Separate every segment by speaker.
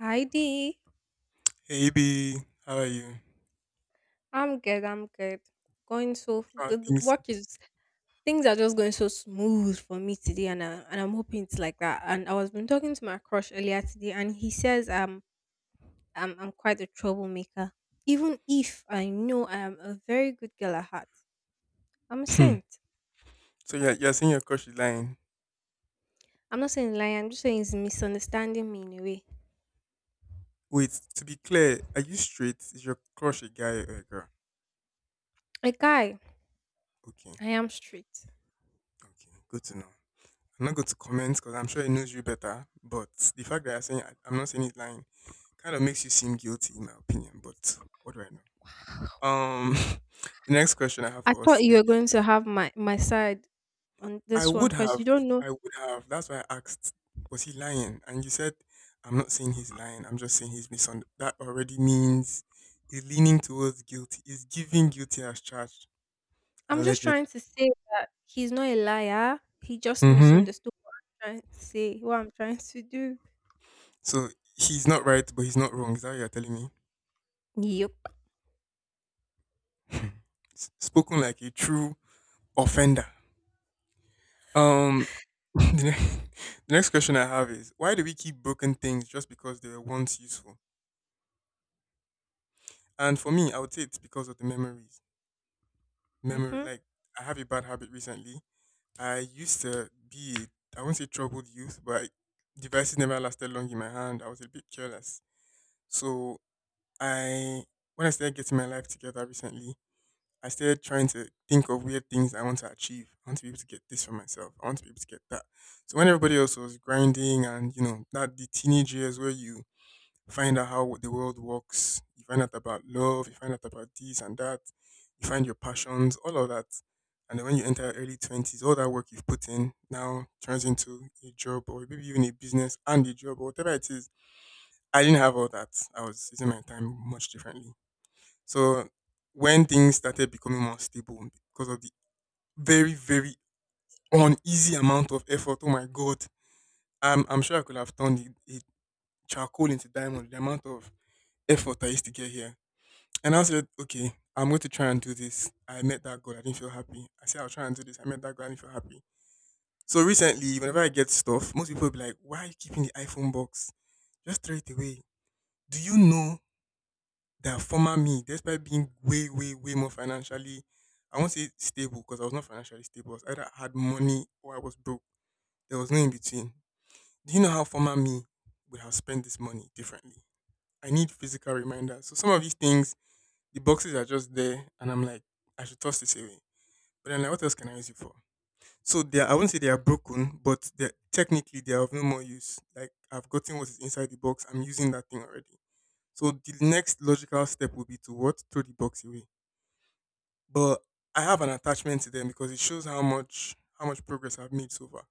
Speaker 1: Hi Dee.
Speaker 2: Hey B, how are you?
Speaker 1: I'm good, I'm good. Going so
Speaker 2: How are
Speaker 1: good.
Speaker 2: things?
Speaker 1: Work is things are just going so smooth for me today and I'm hoping it's like that. And I was been talking to my crush earlier today and he says I'm quite a troublemaker. Even if I know I am a very good girl at heart. I'm a
Speaker 2: Hmm.
Speaker 1: saint.
Speaker 2: So you're saying your crush is lying.
Speaker 1: I'm not saying lying, I'm just saying he's misunderstanding me in a way.
Speaker 2: Wait, to be clear, are you straight? Is your crush a guy or a girl?
Speaker 1: A guy,
Speaker 2: Okay,
Speaker 1: I am straight.
Speaker 2: okay, good to know. I'm not going to comment because I'm sure he knows you better, but the fact that you're saying I'm not saying he's lying kind of makes you seem guilty, in my opinion. But what do I know? Um, the next question I have
Speaker 1: I
Speaker 2: for us
Speaker 1: thought you
Speaker 2: today
Speaker 1: were going to have my side on
Speaker 2: I
Speaker 1: this one
Speaker 2: would
Speaker 1: because
Speaker 2: have.
Speaker 1: you don't know.
Speaker 2: I would have. That's why I asked, was he lying? And you said, I'm not saying he's lying. I'm just saying he's misunderstood. That already means he's leaning towards guilty. He's giving guilty as charged,
Speaker 1: I'm just
Speaker 2: allegedly.
Speaker 1: trying to say he's not a liar. He just
Speaker 2: Mm-hmm.
Speaker 1: misunderstood what I'm trying to say, what I'm trying to do.
Speaker 2: So he's not right, but he's not wrong. Is that what you're telling me?
Speaker 1: Yep.
Speaker 2: Spoken like a true offender. Um, the next, the next question I have is, why do we keep broken things just because they were once useful? And for me, I would say it's because of the memories memory
Speaker 1: Mm-hmm.
Speaker 2: like I have a bad habit recently. I used to be I won't say troubled youth, but devices never lasted long in my hand. I was a bit careless. So I when I started getting my life together recently, I started trying to think of weird things I want to achieve. I want to be able to get this for myself. I want to be able to get that. So when everybody else was grinding and, you know, that the teenage years where you find out how the world works. You find out about love. You find out about this and that. You find your passions, all of that. And then when you enter your early twenties, all that work you've put in now turns into a job or maybe even a business and a job or whatever it is. I didn't have all that. I was using my time much differently. So when things started becoming more stable because of the very, very uneasy amount of effort, oh my God, I'm sure I could have turned a charcoal into diamond, the amount of effort I used to get here. And I said, okay, I'm going to try and do this. I met that girl. I didn't feel happy. I said, I'll try and do this. I met that girl. I didn't feel happy. So recently, whenever I get stuff, most people be like, why are you keeping the iPhone box? Just throw it away. Do you know that former me, despite being way, way, way more financially, I won't say stable because I was not financially stable. I was either had money or I was broke. There was no in between. Do you know how former me would have spent this money differently? I need physical reminders. So some of these things, the boxes are just there, and I'm like, I should toss this away. But then like, what else can I use it for? So they are, I wouldn't say they are broken, but they technically they are of no more use. Like I've gotten what is inside the box. I'm using that thing already. So the next logical step would be to what? Throw the box away. But I have an attachment to them because it shows how much progress I've made so far.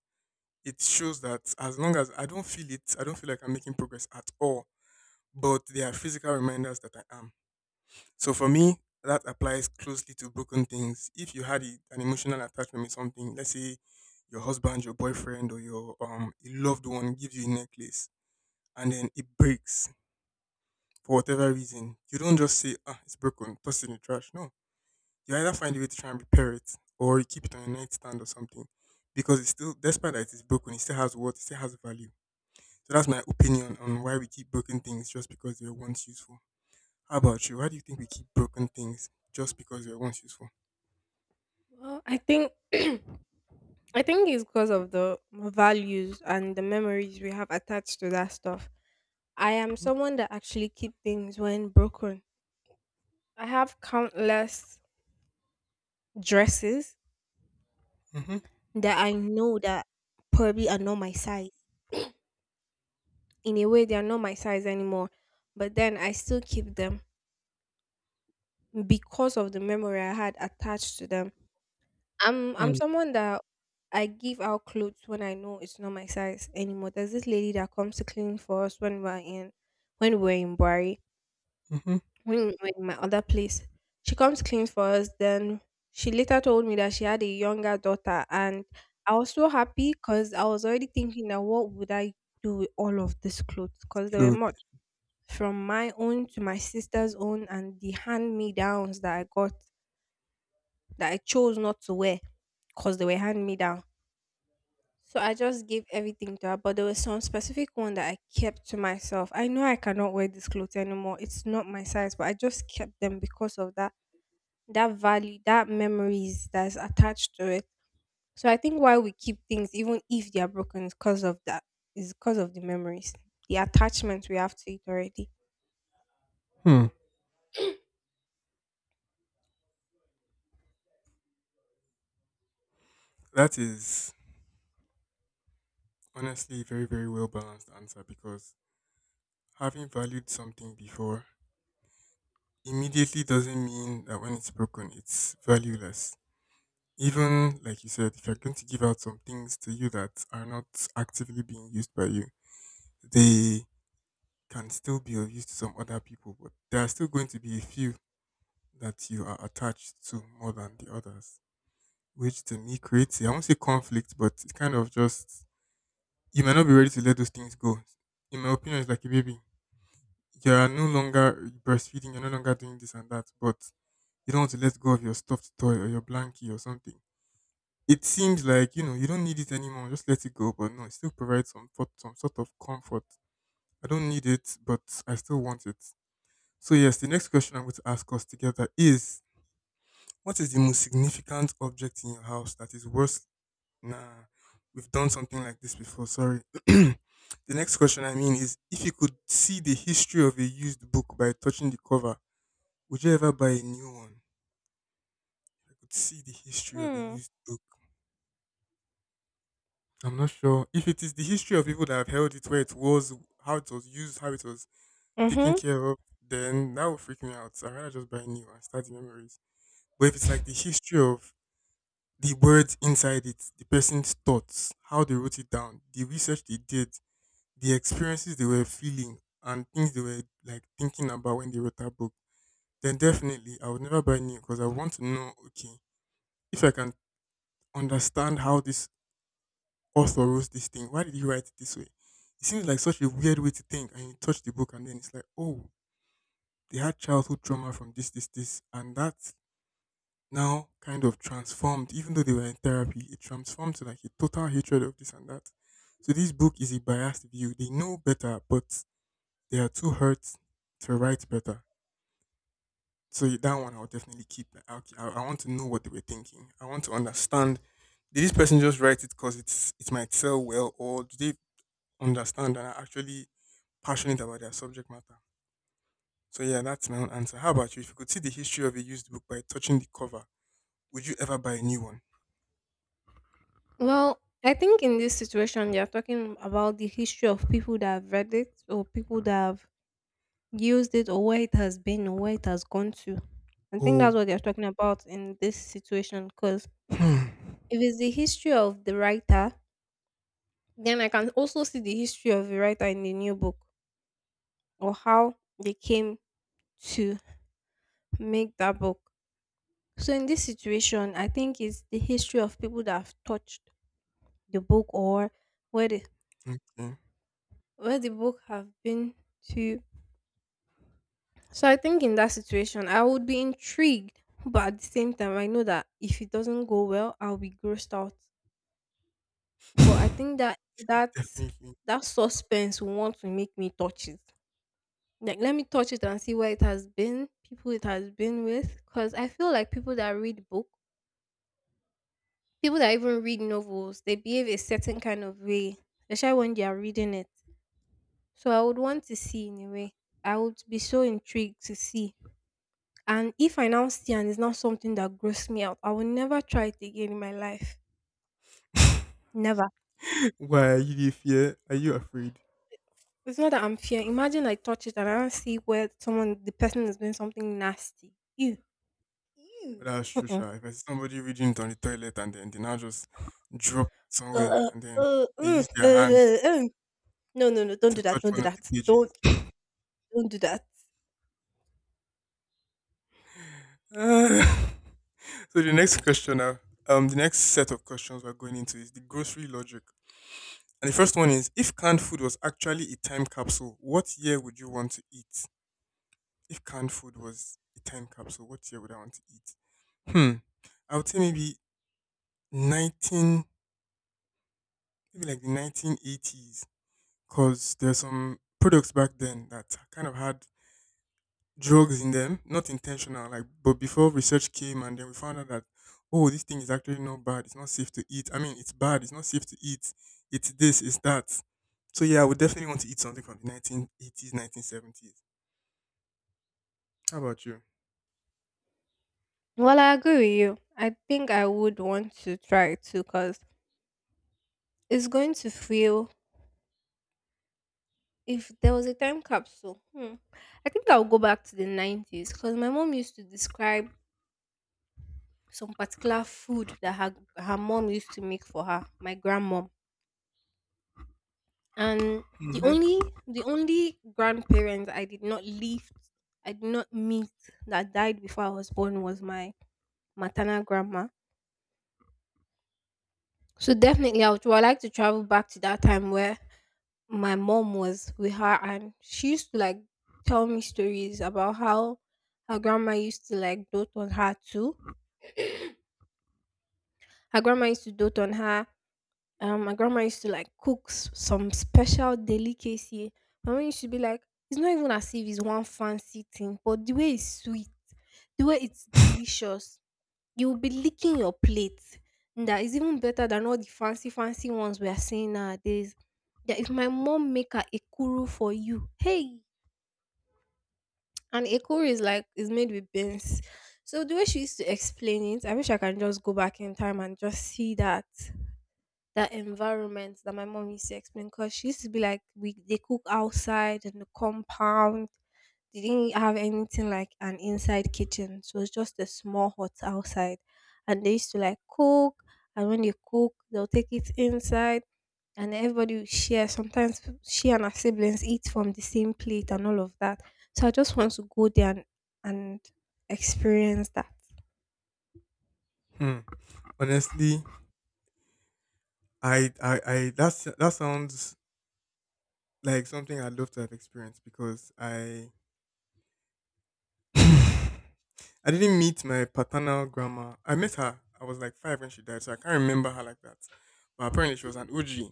Speaker 2: It shows that as long as I don't feel it, I don't feel like I'm making progress at all. But they are physical reminders that I am. So for me, that applies closely to broken things. If you had an emotional attachment with something, let's say your husband, your boyfriend, or your a loved one gives you a necklace and then it breaks for whatever reason, you don't just say, "Ah, it's broken," toss it in the trash. No, you either find a way to try and repair it or you keep it on your nightstand or something because it's still, despite that it's broken, it still has worth, it still has value. So that's my opinion on why we keep broken things just because they were once useful. How about you? Why do you think we keep broken things just because they were once useful?
Speaker 1: Well, I think I think it's because of the values and the memories we have attached to that stuff. I am someone that actually keep things when broken. I have countless dresses
Speaker 2: Mhm,
Speaker 1: that I know that probably are not my size. In a way, they are not my size anymore, but then I still keep them because of the memory I had attached to them. I'm
Speaker 2: mm,
Speaker 1: someone that I give out clothes when I know it's not my size anymore. There's this lady that comes to clean for us when we were in Bari,
Speaker 2: mhm.
Speaker 1: when we were in my other place. She comes clean for us. Then she later told me that she had a younger daughter, and I was so happy because I was already thinking that what would I do with all of these clothes? Because there were
Speaker 2: Clothes.
Speaker 1: much from my own to my sister's own, and the hand me downs that I got that I chose not to wear because they were hand me down. So I just gave everything to her, but there was some specific one that I kept to myself. I know I cannot wear this clothes anymore. It's not my size, but I just kept them because of that value, that memories that's attached to it. So I think why we keep things, even if they are broken, is because of that. Is because of the memories, the attachment we have to it already.
Speaker 2: Hmm. That is honestly a very, very well balanced answer because having valued something before immediately doesn't mean that when it's broken, it's valueless. Even like you said, if you're going to give out some things to you that are not actively being used by you, they can still be of use to some other people, but there are still going to be a few that you are attached to more than the others, which to me creates, I won't say conflict, but it kind of just you might not be ready to let those things go. In my opinion, it's like a baby. You are no longer breastfeeding, you're no longer doing this and that, but you don't want to let go of your stuffed toy or your blankie or something. It seems like, you know, you don't need it anymore, just let it go. But no, it still provides some sort of comfort. I don't need it, but I still want it. So yes, the next question I'm going to ask us together is what is the most significant object in your house that is worth Nah, we've done something like this before. Sorry. The next question I mean is, if you could see the history of a used book by touching the cover, would you ever buy a new one? I could see the history of a
Speaker 1: Hmm.
Speaker 2: used book. I'm not sure if it is the history of people that have held it, where it was, how it was used, how it was taken
Speaker 1: Mm-hmm.
Speaker 2: care of. Then that would freak me out. I'd rather just buy a new and start the memories. But if it's like the history of the words inside it, the person's thoughts, how they wrote it down, the research they did, the experiences they were feeling and things they were like thinking about when they wrote that book, then definitely I would never buy new because I want to know, okay, if I can understand how this author wrote this thing, why did he write it this way? It seems like such a weird way to think, and you touch the book, and then it's like, oh, they had childhood trauma from this, this, this, and that now kind of transformed, even though they were in therapy, it transformed to like a total hatred of this and that. So this book is a biased view. They know better, but they are too hurt to write better. So that one I'll definitely keep. Like, okay, I want to know what they were thinking. I want to understand. Did this person just write it because it might sell well, or do they understand and are actually passionate about their subject matter? So yeah, that's my own answer. How about you? If you could see the history of a used book by touching the cover, would you ever buy a new one?
Speaker 1: Well, I think in this situation, they are talking about the history of people that have read it or people that have used it or where it has been or where it has gone to. I think that's
Speaker 2: Oh,
Speaker 1: what they're talking about in this situation because
Speaker 2: hmm.
Speaker 1: if it's the history of the writer, then I can also see the history of the writer in the new book or how they came to make that book. So in this situation, I think it's the history of people that have touched the book or where the
Speaker 2: Okay,
Speaker 1: where the book have been to. So I think in that situation, I would be intrigued, but at the same time, I know that if it doesn't go well, I'll be grossed out. But I think that that's
Speaker 2: definitely.
Speaker 1: that suspense will want to make me touch it. Like let me touch it and see where it has been, people it has been with, because I feel like people that read book, people that even read novels, they behave a certain kind of way, especially when they are reading it. So I would want to see in a way. I would be so intrigued to see. And if I now see and it's not something that grossed me out, I will never try it again in my life. Never.
Speaker 2: Why are you fear? Are you afraid?
Speaker 1: It's not that I'm fear. Imagine I touch it and I don't see where someone, the person is doing something nasty. Ew.
Speaker 2: But
Speaker 1: Ew.
Speaker 2: that's true,
Speaker 1: Uh-uh.
Speaker 2: sha. If I see somebody reading it on the toilet and then they now just drop it
Speaker 1: Uh,
Speaker 2: somewhere and then
Speaker 1: uh,
Speaker 2: they
Speaker 1: mm,
Speaker 2: use
Speaker 1: uh,
Speaker 2: their hand
Speaker 1: uh, mm. No, no, no. Don't
Speaker 2: to
Speaker 1: do that.
Speaker 2: touch
Speaker 1: Don't
Speaker 2: one
Speaker 1: do
Speaker 2: of
Speaker 1: that.
Speaker 2: the
Speaker 1: Don't,
Speaker 2: pages.
Speaker 1: don't do that.
Speaker 2: Ah. So the next question now, the next set of questions we're going into is the grocery logic. And the first one is, if canned food was actually a time capsule, what year would you want to eat? If canned food was a time capsule, what year would I want to eat? Hmm. I would say maybe 19, maybe like the 1980s, because there's some products back then that kind of had drugs in them, not intentional, like, but before research came and then we found out that, oh, this thing is actually not bad, it's not safe to eat. I mean, it's bad, it's not safe to eat, it's this, it's that. So yeah, I would definitely want to eat something from the 1980s, 1970s. How about you?
Speaker 1: Well, I agree with you. I think I would want to try it too because it's going to feel. If there was a time capsule, hmm, I think I'll go back to the 90s because my mom used to describe some particular food that her mom used to make for her, my grandmom. And the
Speaker 2: Hmm.
Speaker 1: only the only grandparents I did not meet that died before I was born was my maternal grandma. So definitely I would like to travel back to that time where my mom was with her and she used to like tell me stories about how her grandma used to like dote on her too. Her grandma used to dote on her. My grandma used to like cook some special delicacy. My mom used to be like, it's not even as if it's one fancy thing, but the way it's sweet, the way it's delicious, you will be licking your plate. And that is even better than all the fancy, fancy ones we are seeing nowadays. That if my mom make a ekuru for you, hey, and ekuru is like is made with beans. So the way she used to explain it, I wish I can just go back in time and just see that that environment that my mom used to explain because she used to be like we they cook outside in the compound. They didn't have anything like an inside kitchen. So it was just a small hut outside. And they used to like cook and when they cook they'll take it inside and everybody will share. Sometimes she and her siblings eat from the same plate and all of that. So I just want to go there and experience that.
Speaker 2: Hmm. Honestly, that sounds like something I'd love to have experienced because I didn't meet my paternal grandma. I met her. I was like five when she died, so I can't remember her like that. But apparently, she was an OG,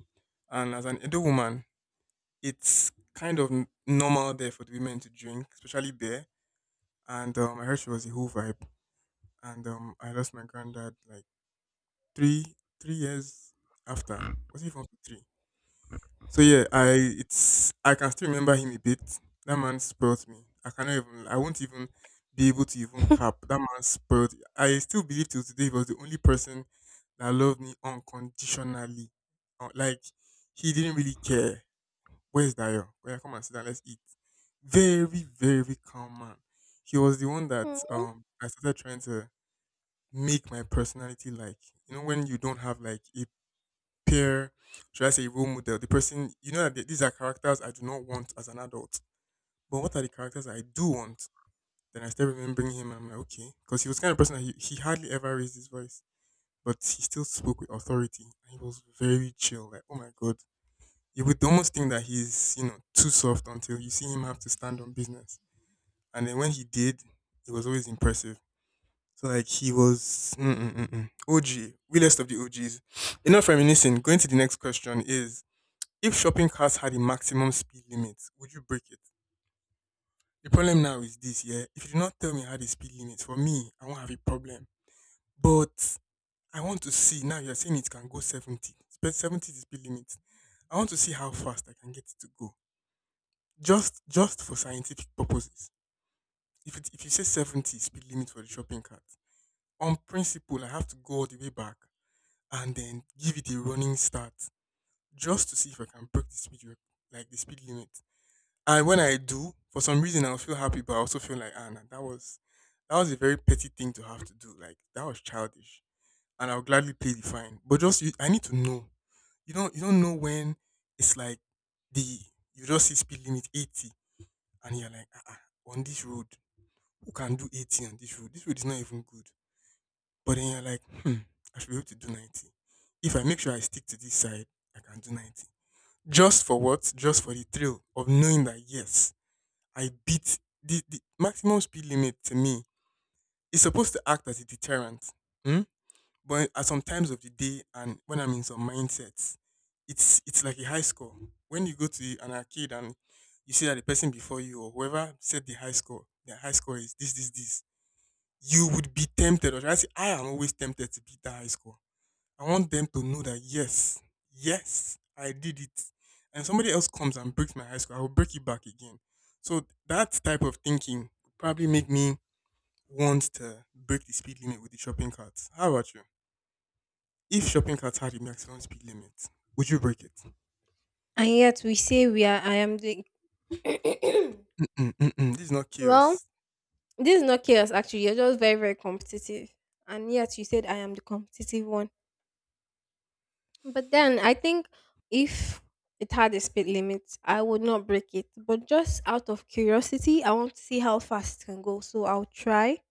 Speaker 2: and as an Edo woman, it's kind of normal there for the women to drink, especially beer. And I heard she was a whole vibe. And I lost my granddad like three three years after. Was it from three? So yeah, I can still remember him a bit. That man spoiled me. I won't even be able to even cap. That man spoiled. I still believe till today he was the only person that loved me unconditionally. Like he didn't really care. Where's Dayo? Well, come and sit down, let's eat. Very, very calm man. He was the one that
Speaker 1: Mm.
Speaker 2: I started trying to make my personality like. You know, when you don't have like a peer, should I say role model, the person you know that these are characters I do not want as an adult. But what are the characters I do want? Then I started remembering him and I'm like, okay. Because he was the kind of person that he hardly ever raised his voice. But he still spoke with authority. And he was very chill. Like, oh my God. You would almost think that he's, you know, too soft until you see him have to stand on business. And then when he did, it was always impressive. So like he was OG, realest of the OGs. Enough reminiscing. Going to the next question is: if shopping carts had a maximum speed limit, would you break it? The problem now is this, yeah. If you do not tell me how the speed limit, for me, I won't have a problem. But I want to see now you're saying it can go 70. 70 is the speed limit. I want to see how fast I can get it to go. Just for scientific purposes. If you say 70 speed limit for the shopping cart, on principle I have to go all the way back and then give it a running start just to see if I can break the like the speed limit. And when I do, for some reason, I'll feel happy, but I also feel like, ah, nah, that was a very petty thing to have to do. Like that was childish, and I'll gladly pay the fine. But just you, I need to know. You don't know when it's like the you just see speed limit 80, and you're like, ah, ah, on this road, who can do 80 on this road? This road is not even good. But then you're like, hmm, I should be able to do 90. If I make sure I stick to this side, I can do 90. Just for what? Just for the thrill of knowing that yes, I beat the maximum speed limit to me is supposed to act as a deterrent. Hmm. But at some times of the day and when I'm in some mindsets, it's like a high score. When you go to an arcade and you see that the person before you or whoever set the high score is this, this, this, you would be tempted, or should I say I am always tempted to beat that high score. I want them to know that yes, yes, I did it. And somebody else comes and breaks my ice cream, I will break it back again. So that type of thinking would probably make me want to break the speed limit with the shopping cart. How about you? If shopping carts had a maximum speed limit, would you break it?
Speaker 1: And yet we say we are I am the
Speaker 2: Mm-mm, mm-mm. This is not
Speaker 1: well,
Speaker 2: chaos.
Speaker 1: this is not chaos, actually. You're just very, very competitive. And yet you said I am the competitive one. But then I think if it had a speed limit, I would not break it. But just out of curiosity, I want to see how fast it can go. So I'll try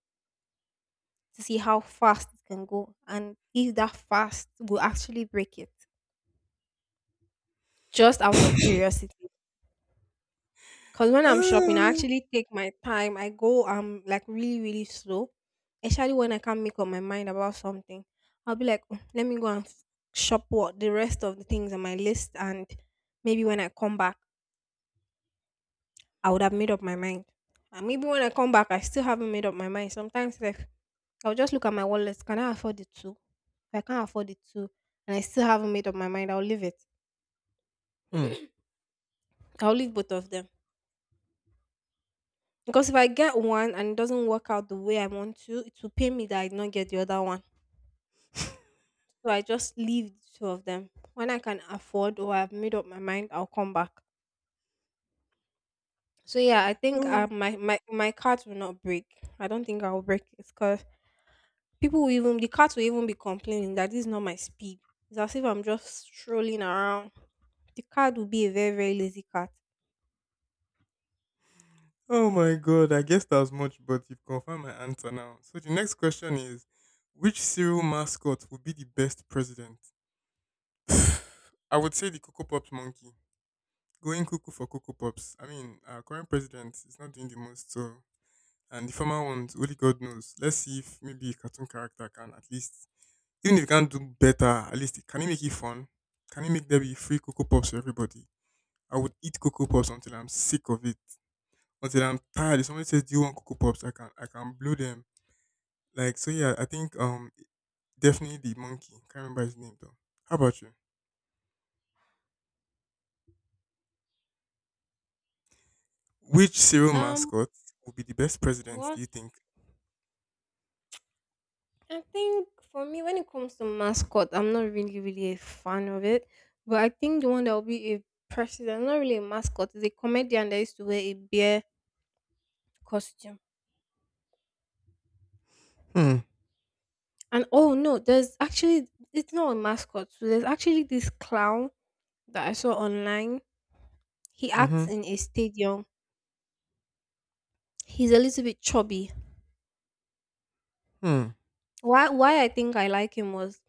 Speaker 1: to see how fast it can go and if that fast will actually break it. Just out of curiosity. Cause when I'm shopping, I
Speaker 2: Oh,
Speaker 1: actually take my time. I go like really slow, especially when I can't make up my mind about something. I'll be like, "Mm, let me go and shop what the rest of the things on my list, and maybe when I come back, I would have made up my mind. And maybe when I come back, I still haven't made up my mind. Sometimes like I'll just look at my wallet. Can I afford it too? If I can't afford it too, and I still haven't made up my mind, I'll leave it.
Speaker 2: hmm.
Speaker 1: I'll leave both of them. Because if I get one and it doesn't work out the way I want to, it will pain me that I did not get the other one. So I just leave the two of them. When I can afford or I've made up my mind, I'll come back. So yeah, I think
Speaker 2: Oh,
Speaker 1: my cart will not break. I don't think I'll break it because people will even the cart will even be complaining that this is not my speed. It's as if I'm just strolling around. The card will be a very lazy cart.
Speaker 2: oh my god, I guess that was much, but you've confirmed my answer now. So the next question is: which serial mascot would be the best president? I would say the Cocoa Pops monkey. Going cuckoo for Cocoa Pops. I mean, our current president is not doing the most, so. And the former ones, only God knows. Let's see if maybe a cartoon character can at least, even if he can't do better, at least can he make it fun? Can he make there be free Cocoa Pops for everybody? I would eat Cocoa Pops until I'm sick of it, until I'm tired. If somebody says, "Do you want Cocoa Pops?" I can blow them. Like so, yeah. I think definitely the monkey. Can't remember his name though. How about you? Which cereal
Speaker 1: Um,
Speaker 2: mascot would be the best president? Do
Speaker 1: what
Speaker 2: you think?
Speaker 1: I think for me, when it comes to mascot, I'm not really a fan of it. But I think the one that will be a president, not really a mascot, is a comedian that used to wear a bear costume.
Speaker 2: Hmm.
Speaker 1: And oh no, there's actually it's not a mascot. So there's actually this clown that I saw online. He
Speaker 2: Mm-hmm.
Speaker 1: acts in a stadium. He's a little bit chubby.
Speaker 2: Hmm.
Speaker 1: Why I think I like him was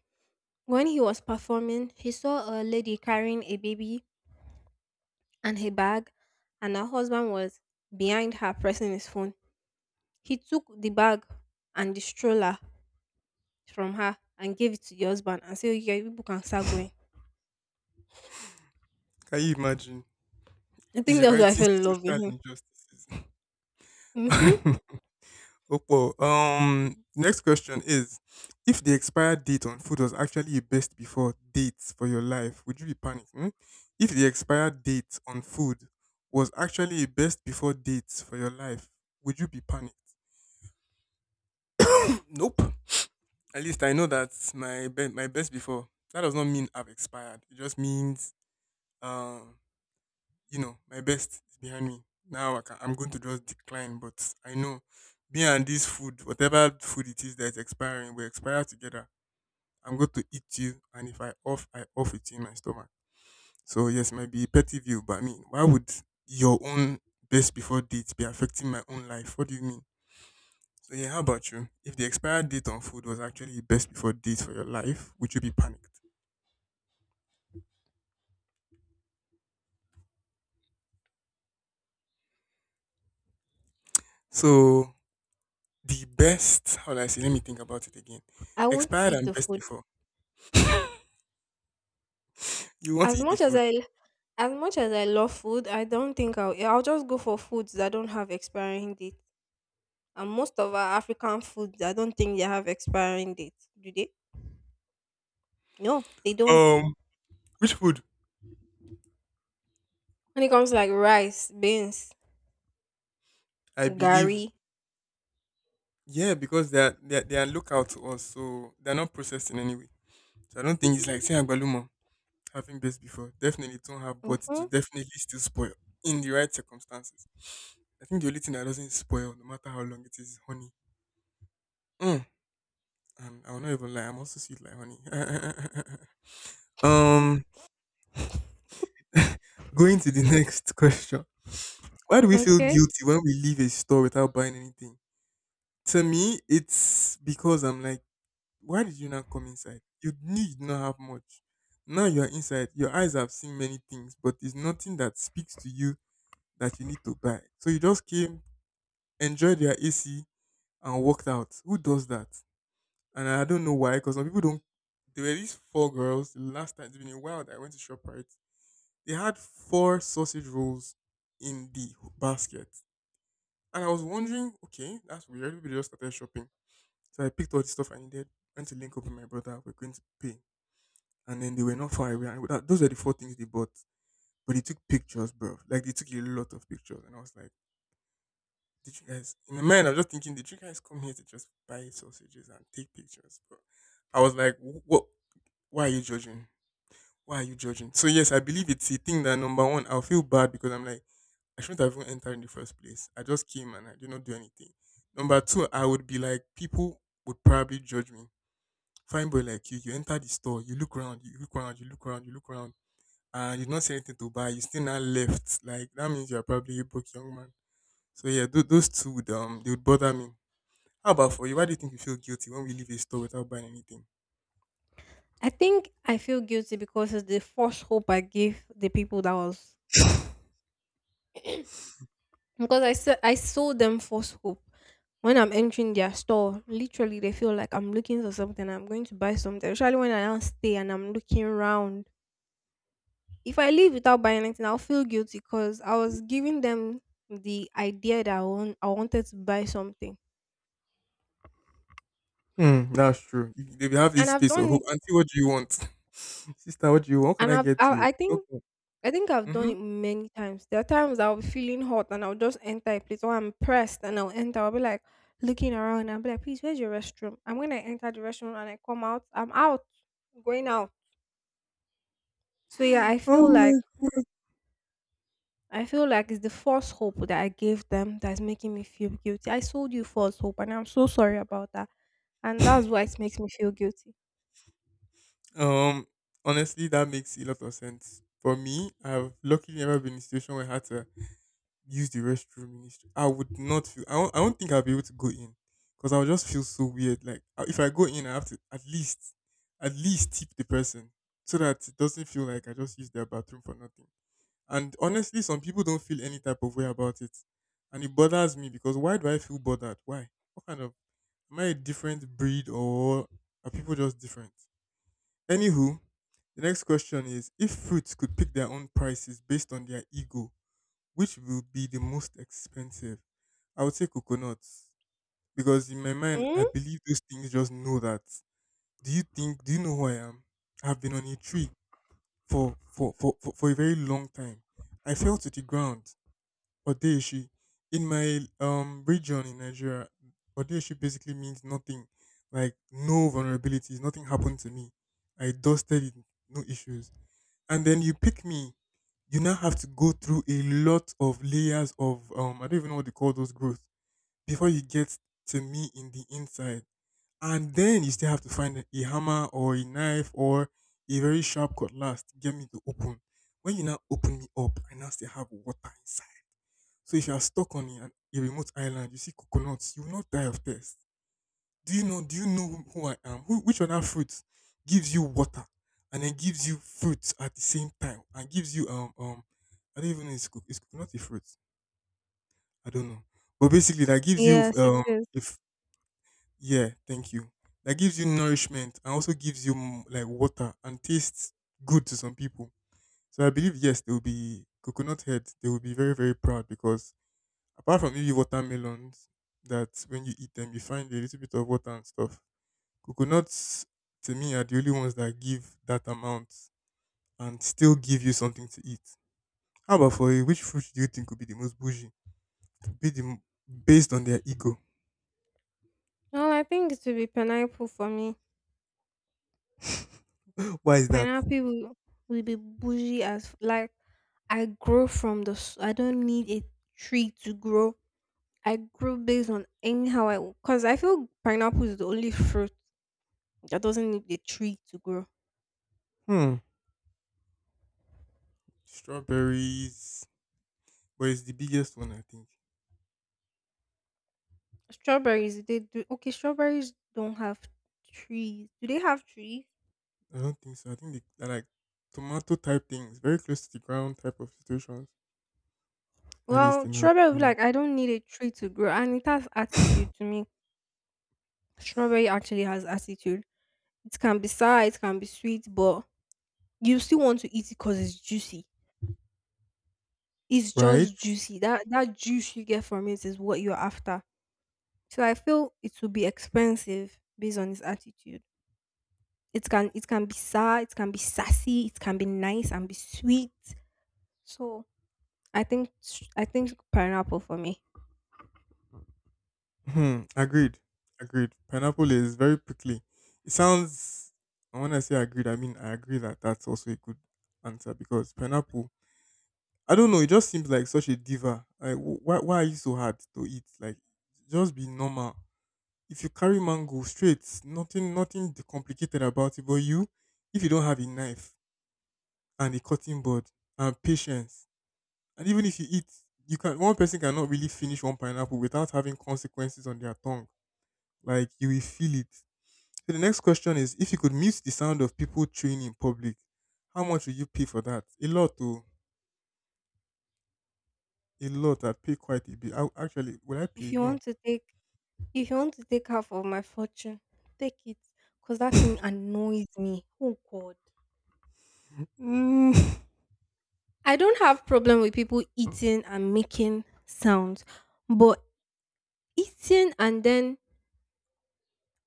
Speaker 1: when he was performing. He saw a lady carrying a baby and her bag, and her husband was behind her pressing his phone. He took the bag and the stroller from her and gave it to the husband and said, "Okay, people can start going."
Speaker 2: Can you imagine?
Speaker 1: I
Speaker 2: Is
Speaker 1: think
Speaker 2: he
Speaker 1: that's why I
Speaker 2: writing
Speaker 1: fell in love with
Speaker 2: social
Speaker 1: him.
Speaker 2: injustices?
Speaker 1: Hmm.
Speaker 2: Opo. Next question is: if the expired date on food was actually a best before date for your life, would you be panicking? If the expired date on food was actually a best before date for your life, would you be panicked? Nope. At least I know that my best before. That does not mean I've expired. It just means um you know, my best is behind me. I'm going to just decline, but I know me and this food, whatever food it is that's expiring, we expire together. I'm going to eat you, and if I off, I off it in my stomach. So yes, might be petty view, but I mean, why would your own best before date be affecting my own life? What do you mean? So yeah, how about you? If the expired date on food was actually best before date for your life, would you be panicked? So the best, how do I say? Let me think about it again.
Speaker 1: I won't
Speaker 2: Expired
Speaker 1: eat
Speaker 2: and
Speaker 1: the
Speaker 2: best
Speaker 1: food.
Speaker 2: before. You want to
Speaker 1: as
Speaker 2: eat the
Speaker 1: much as
Speaker 2: food.
Speaker 1: I as much as I love food. I don't think I'll. Yeah, I'll just go for foods that don't have expiring date. And most of our African foods, I don't think they have expiring date. Do they? No, they don't.
Speaker 2: Um, which food?
Speaker 1: When it comes to like rice, beans,
Speaker 2: I believe,
Speaker 1: gari.
Speaker 2: yeah, because they are local to us, so they are not processed in any way. So I don't think it's like say agbalumo having best before. Definitely don't have, but it will
Speaker 1: Mm-hmm.
Speaker 2: definitely still spoil in the right circumstances. I think the only thing that doesn't spoil, no matter how long it is honey. Mm. And I will not even lie, I'm also sweet like honey. um, going to the next question. Why do we feel
Speaker 1: Okay.
Speaker 2: guilty when we leave a store without buying anything? To me, it's because I'm like, why did you not come inside? You need not have much. Now you are inside. Your eyes have seen many things, but it's nothing that speaks to you that you need to buy. So you just came, enjoyed your AC, and walked out. Who does that? And I don't know why, because some people don't. There were these four girls. The last time it's been a while that I went to Shoprite. They had four sausage rolls in the basket, and I was wondering, okay, that's weird. Everybody just started shopping, so I picked all the stuff I needed. Went to link up with my brother. We're going to pay, and then they were not far away. Those are the four things they bought. But they took pictures, bro. Like they took a lot of pictures, and I was like, "Did you guys?" In my mind, I was just thinking, "Did you guys come here to just buy sausages and take pictures?" But I was like, "What? Why are you judging? Why are you judging?" So yes, I believe it's a thing that number one, I'll feel bad because I'm like, I shouldn't have even entered in the first place. I just came and I did not do anything. Number two, I would be like, people would probably judge me. Fine boy like you enter the store, you look around, you look around, you look around, you look around and you did not see anything to buy, you still now left. Like that means you're probably a broke young man. So yeah, those two would they would bother me. How about for you? Why do you think you feel guilty when we leave a store without buying anything?
Speaker 1: I think I feel guilty because it's the false hope I gave the people that was because I said I sold them false hope. When I'm entering their store, literally they feel like I'm looking for something. I'm going to buy something. Especially when I don't stay and I'm looking around. If I leave without buying anything, I'll feel guilty because I was giving them the idea that I wanted to buy something,
Speaker 2: Hmm, that's true. You- They will have
Speaker 1: and
Speaker 2: this
Speaker 1: I've
Speaker 2: face of
Speaker 1: done
Speaker 2: hope.
Speaker 1: it.
Speaker 2: Auntie, what do you want? Sister, what do you want? What can
Speaker 1: And
Speaker 2: I
Speaker 1: I've,
Speaker 2: get
Speaker 1: I,
Speaker 2: you?
Speaker 1: I think
Speaker 2: Okay.
Speaker 1: I think I've done
Speaker 2: Mm-hmm.
Speaker 1: it many times. There are times I'll be feeling hot and I'll just enter a place or I'm pressed and I'll enter. I'll be like looking around and I'll be like, please, where's your restroom? And when I enter the restroom and I come out, I'm out, going out. So yeah, I
Speaker 2: Oh
Speaker 1: feel like
Speaker 2: my god.
Speaker 1: I feel like it's the false hope that I gave them that's making me feel guilty. I sold you false hope and I'm so sorry about that. And that's why it makes me feel guilty.
Speaker 2: Um, honestly that makes a lot of sense. For me, I've luckily never been in a situation where I had to use the restroom in the street, I would not feel. I don't think I'll be able to go in because I would just feel so weird. Like if I go in, I have to at least tip the person so that it doesn't feel like I just used their bathroom for nothing. And honestly, some people don't feel any type of way about it, and it bothers me because why do I feel bothered? Why? What kind of am I, a different breed, or are people just different? Anywho, the next question is: if fruits could pick their own prices based on their ego, which will be the most expensive? I would say coconuts because in my mind,
Speaker 1: Hmm.
Speaker 2: I believe those things just know that. Do you think? Do you know who I am? I've been on a tree for a very long time. I fell to the ground. Odeshi in my region in Nigeria, Odeshi basically means nothing, like no vulnerabilities. Nothing happened to me. I dusted it, no issues. And then you pick me, you now have to go through a lot of layers of I don't even know what they call those growth before you get to me in the inside. And then you still have to find a hammer or a knife or a very sharp cutlass to get me to open. When you now open me up, I now still have water inside. So if you are stuck on a remote island, you see coconuts, you will not die of thirst. Do you know? Do you know who I am? Who, which other fruit gives you water and then gives you fruits at the same time and gives you I don't even know, it's it's coconut a fruit. I don't know, but basically that gives you
Speaker 1: Yes, it is.
Speaker 2: if yeah, thank you. That gives you nourishment and also gives you like water and tastes good to some people. So I believe yes, they will be coconut head. They will be very very proud because apart from maybe watermelons, that when you eat them you find a little bit of water and stuff. Coconuts to me are the only ones that give that amount and still give you something to eat. How about for you? Which fruit do you think would be the most bougie? To be the m- Based on their ego.
Speaker 1: Well, I think it would be pineapple for me.
Speaker 2: Why is that?
Speaker 1: Pineapple will be bougie as f- like I grow from the s- I don't need a tree to grow. I grow based on anyhow I because I feel pineapple is the only fruit that doesn't need a tree to grow.
Speaker 2: Hmm. Strawberries. But it's the biggest one, I think.
Speaker 1: Strawberries they do okay. Strawberries don't have trees. Do they have trees?
Speaker 2: I don't think so. I think they're like tomato type things, very close to the ground type of situations. At least
Speaker 1: Well,
Speaker 2: in my
Speaker 1: strawberry will be
Speaker 2: opinion.
Speaker 1: like I don't need a tree to grow, and it has attitude to me. Strawberry actually has attitude. It can be sour, it can be sweet, but you still want to eat it because it's juicy. It's
Speaker 2: Right?
Speaker 1: just juicy. That juice you get from it is what you're after. So I feel it will be expensive based on his attitude. It can be sad. It can be sassy, it can be nice and be sweet. So I think pineapple for me.
Speaker 2: Hmm. Agreed. Agreed. Pineapple is very prickly. It sounds. And When I say agreed, I mean I agree that that's also a good answer because pineapple. I don't know. It just seems like such a diva. Like, why? Why are you so hard to eat? Like, just be normal. If you carry mango straight, nothing complicated about it. But you, if you don't have a knife and a cutting board and patience, and even if you eat, you can. One person cannot really finish one pineapple without having consequences on their tongue, like you will feel it. So the next question is: if you could mute the sound of people chewing in public, how much would you pay for that? A lot though. A lot. I'd pay quite a bit. I, actually, will I pay?
Speaker 1: If you
Speaker 2: No.
Speaker 1: want to take if you want to take half of my fortune, take it. Cause that thing annoys me. Oh God.
Speaker 2: Mm.
Speaker 1: I don't have problem with people eating and making sounds, but eating and then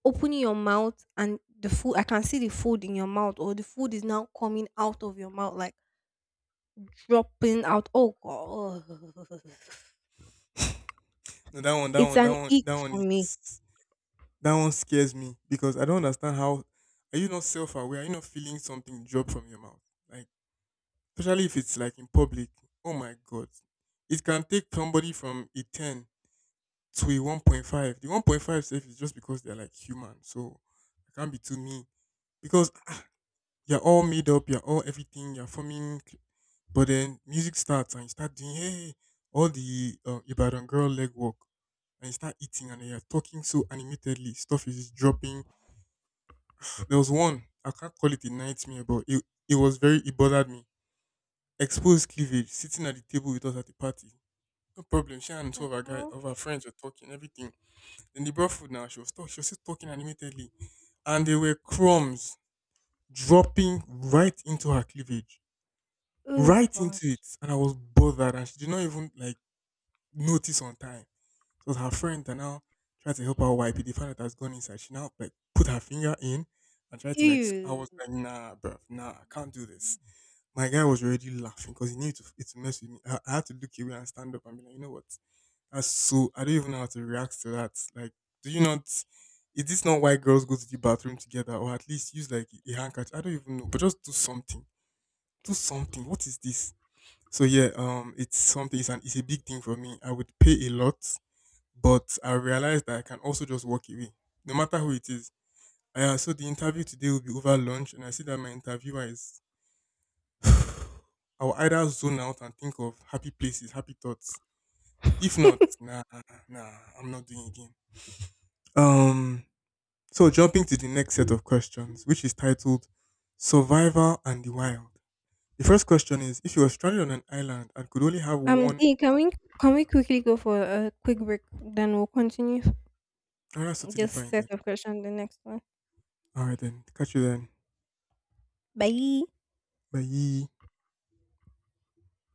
Speaker 1: opening your mouth and the food I can see the food in your mouth or the food is now coming out of your mouth like dropping out. Oh god.
Speaker 2: No,
Speaker 1: It's an ick
Speaker 2: that one
Speaker 1: for me.
Speaker 2: is that one scares me because I don't understand, how are you not self aware? Are you not feeling something drop from your mouth? Like especially if it's like in public. Oh my god. It can take somebody from a 10 to a 1.5. The 1.5 safe is just because they're like human. So I can't be too mean. Because you're all made up, you're all everything, you're forming. Cl- But then music starts and you start doing hey hey, all the Ibadan girl leg work and you start eating and you're talking so animatedly. Stuff is just dropping. There was one, I can't call it a nightmare, but it was very, it bothered me. Exposed cleavage sitting at the table with us at the party. No problem. She and two
Speaker 1: The
Speaker 2: of our guy
Speaker 1: hell?
Speaker 2: of our friends were talking everything. Then they brought food now. She was talking. She was still talking animatedly, and there were crumbs dropping right into her cleavage,
Speaker 1: Oh
Speaker 2: right into
Speaker 1: gosh.
Speaker 2: it, and I was bothered and she did not even like notice on time. It was her friend that now tried to help her wipe it. They found out it has gone inside. She now like put her finger in and tried to I
Speaker 1: Ew.
Speaker 2: was like, nah, bruv, nah, I can't do this. My guy was already laughing because he knew to it to mess with me. I had to look away and stand up and be like, you know what? That's, so I don't even know how to react to that. Like, do you not, is this not why girls go to the bathroom together or at least use like a handkerchief? I don't even know, but just do something. Do something. What is this? So yeah, it's something. It's an it's a big thing for me. I would pay a lot, but I realize that I can also just walk away, no matter who it is. Yeah, so the interview today will be over lunch, and I see that my interviewer is. I'll either zone out and think of happy places, happy thoughts. If not, nah, I'm not doing it again. Um. So jumping to the next set of questions, which is titled "Survival and the Wild." The first question is: if you were stranded on an island and could only have one,
Speaker 1: Dee, can we quickly go for a quick break then we'll continue?
Speaker 2: oh, that's totally
Speaker 1: Just
Speaker 2: fine
Speaker 1: set
Speaker 2: then.
Speaker 1: of question, the next one.
Speaker 2: Alright then. Catch you then.
Speaker 1: Bye.
Speaker 2: Bye.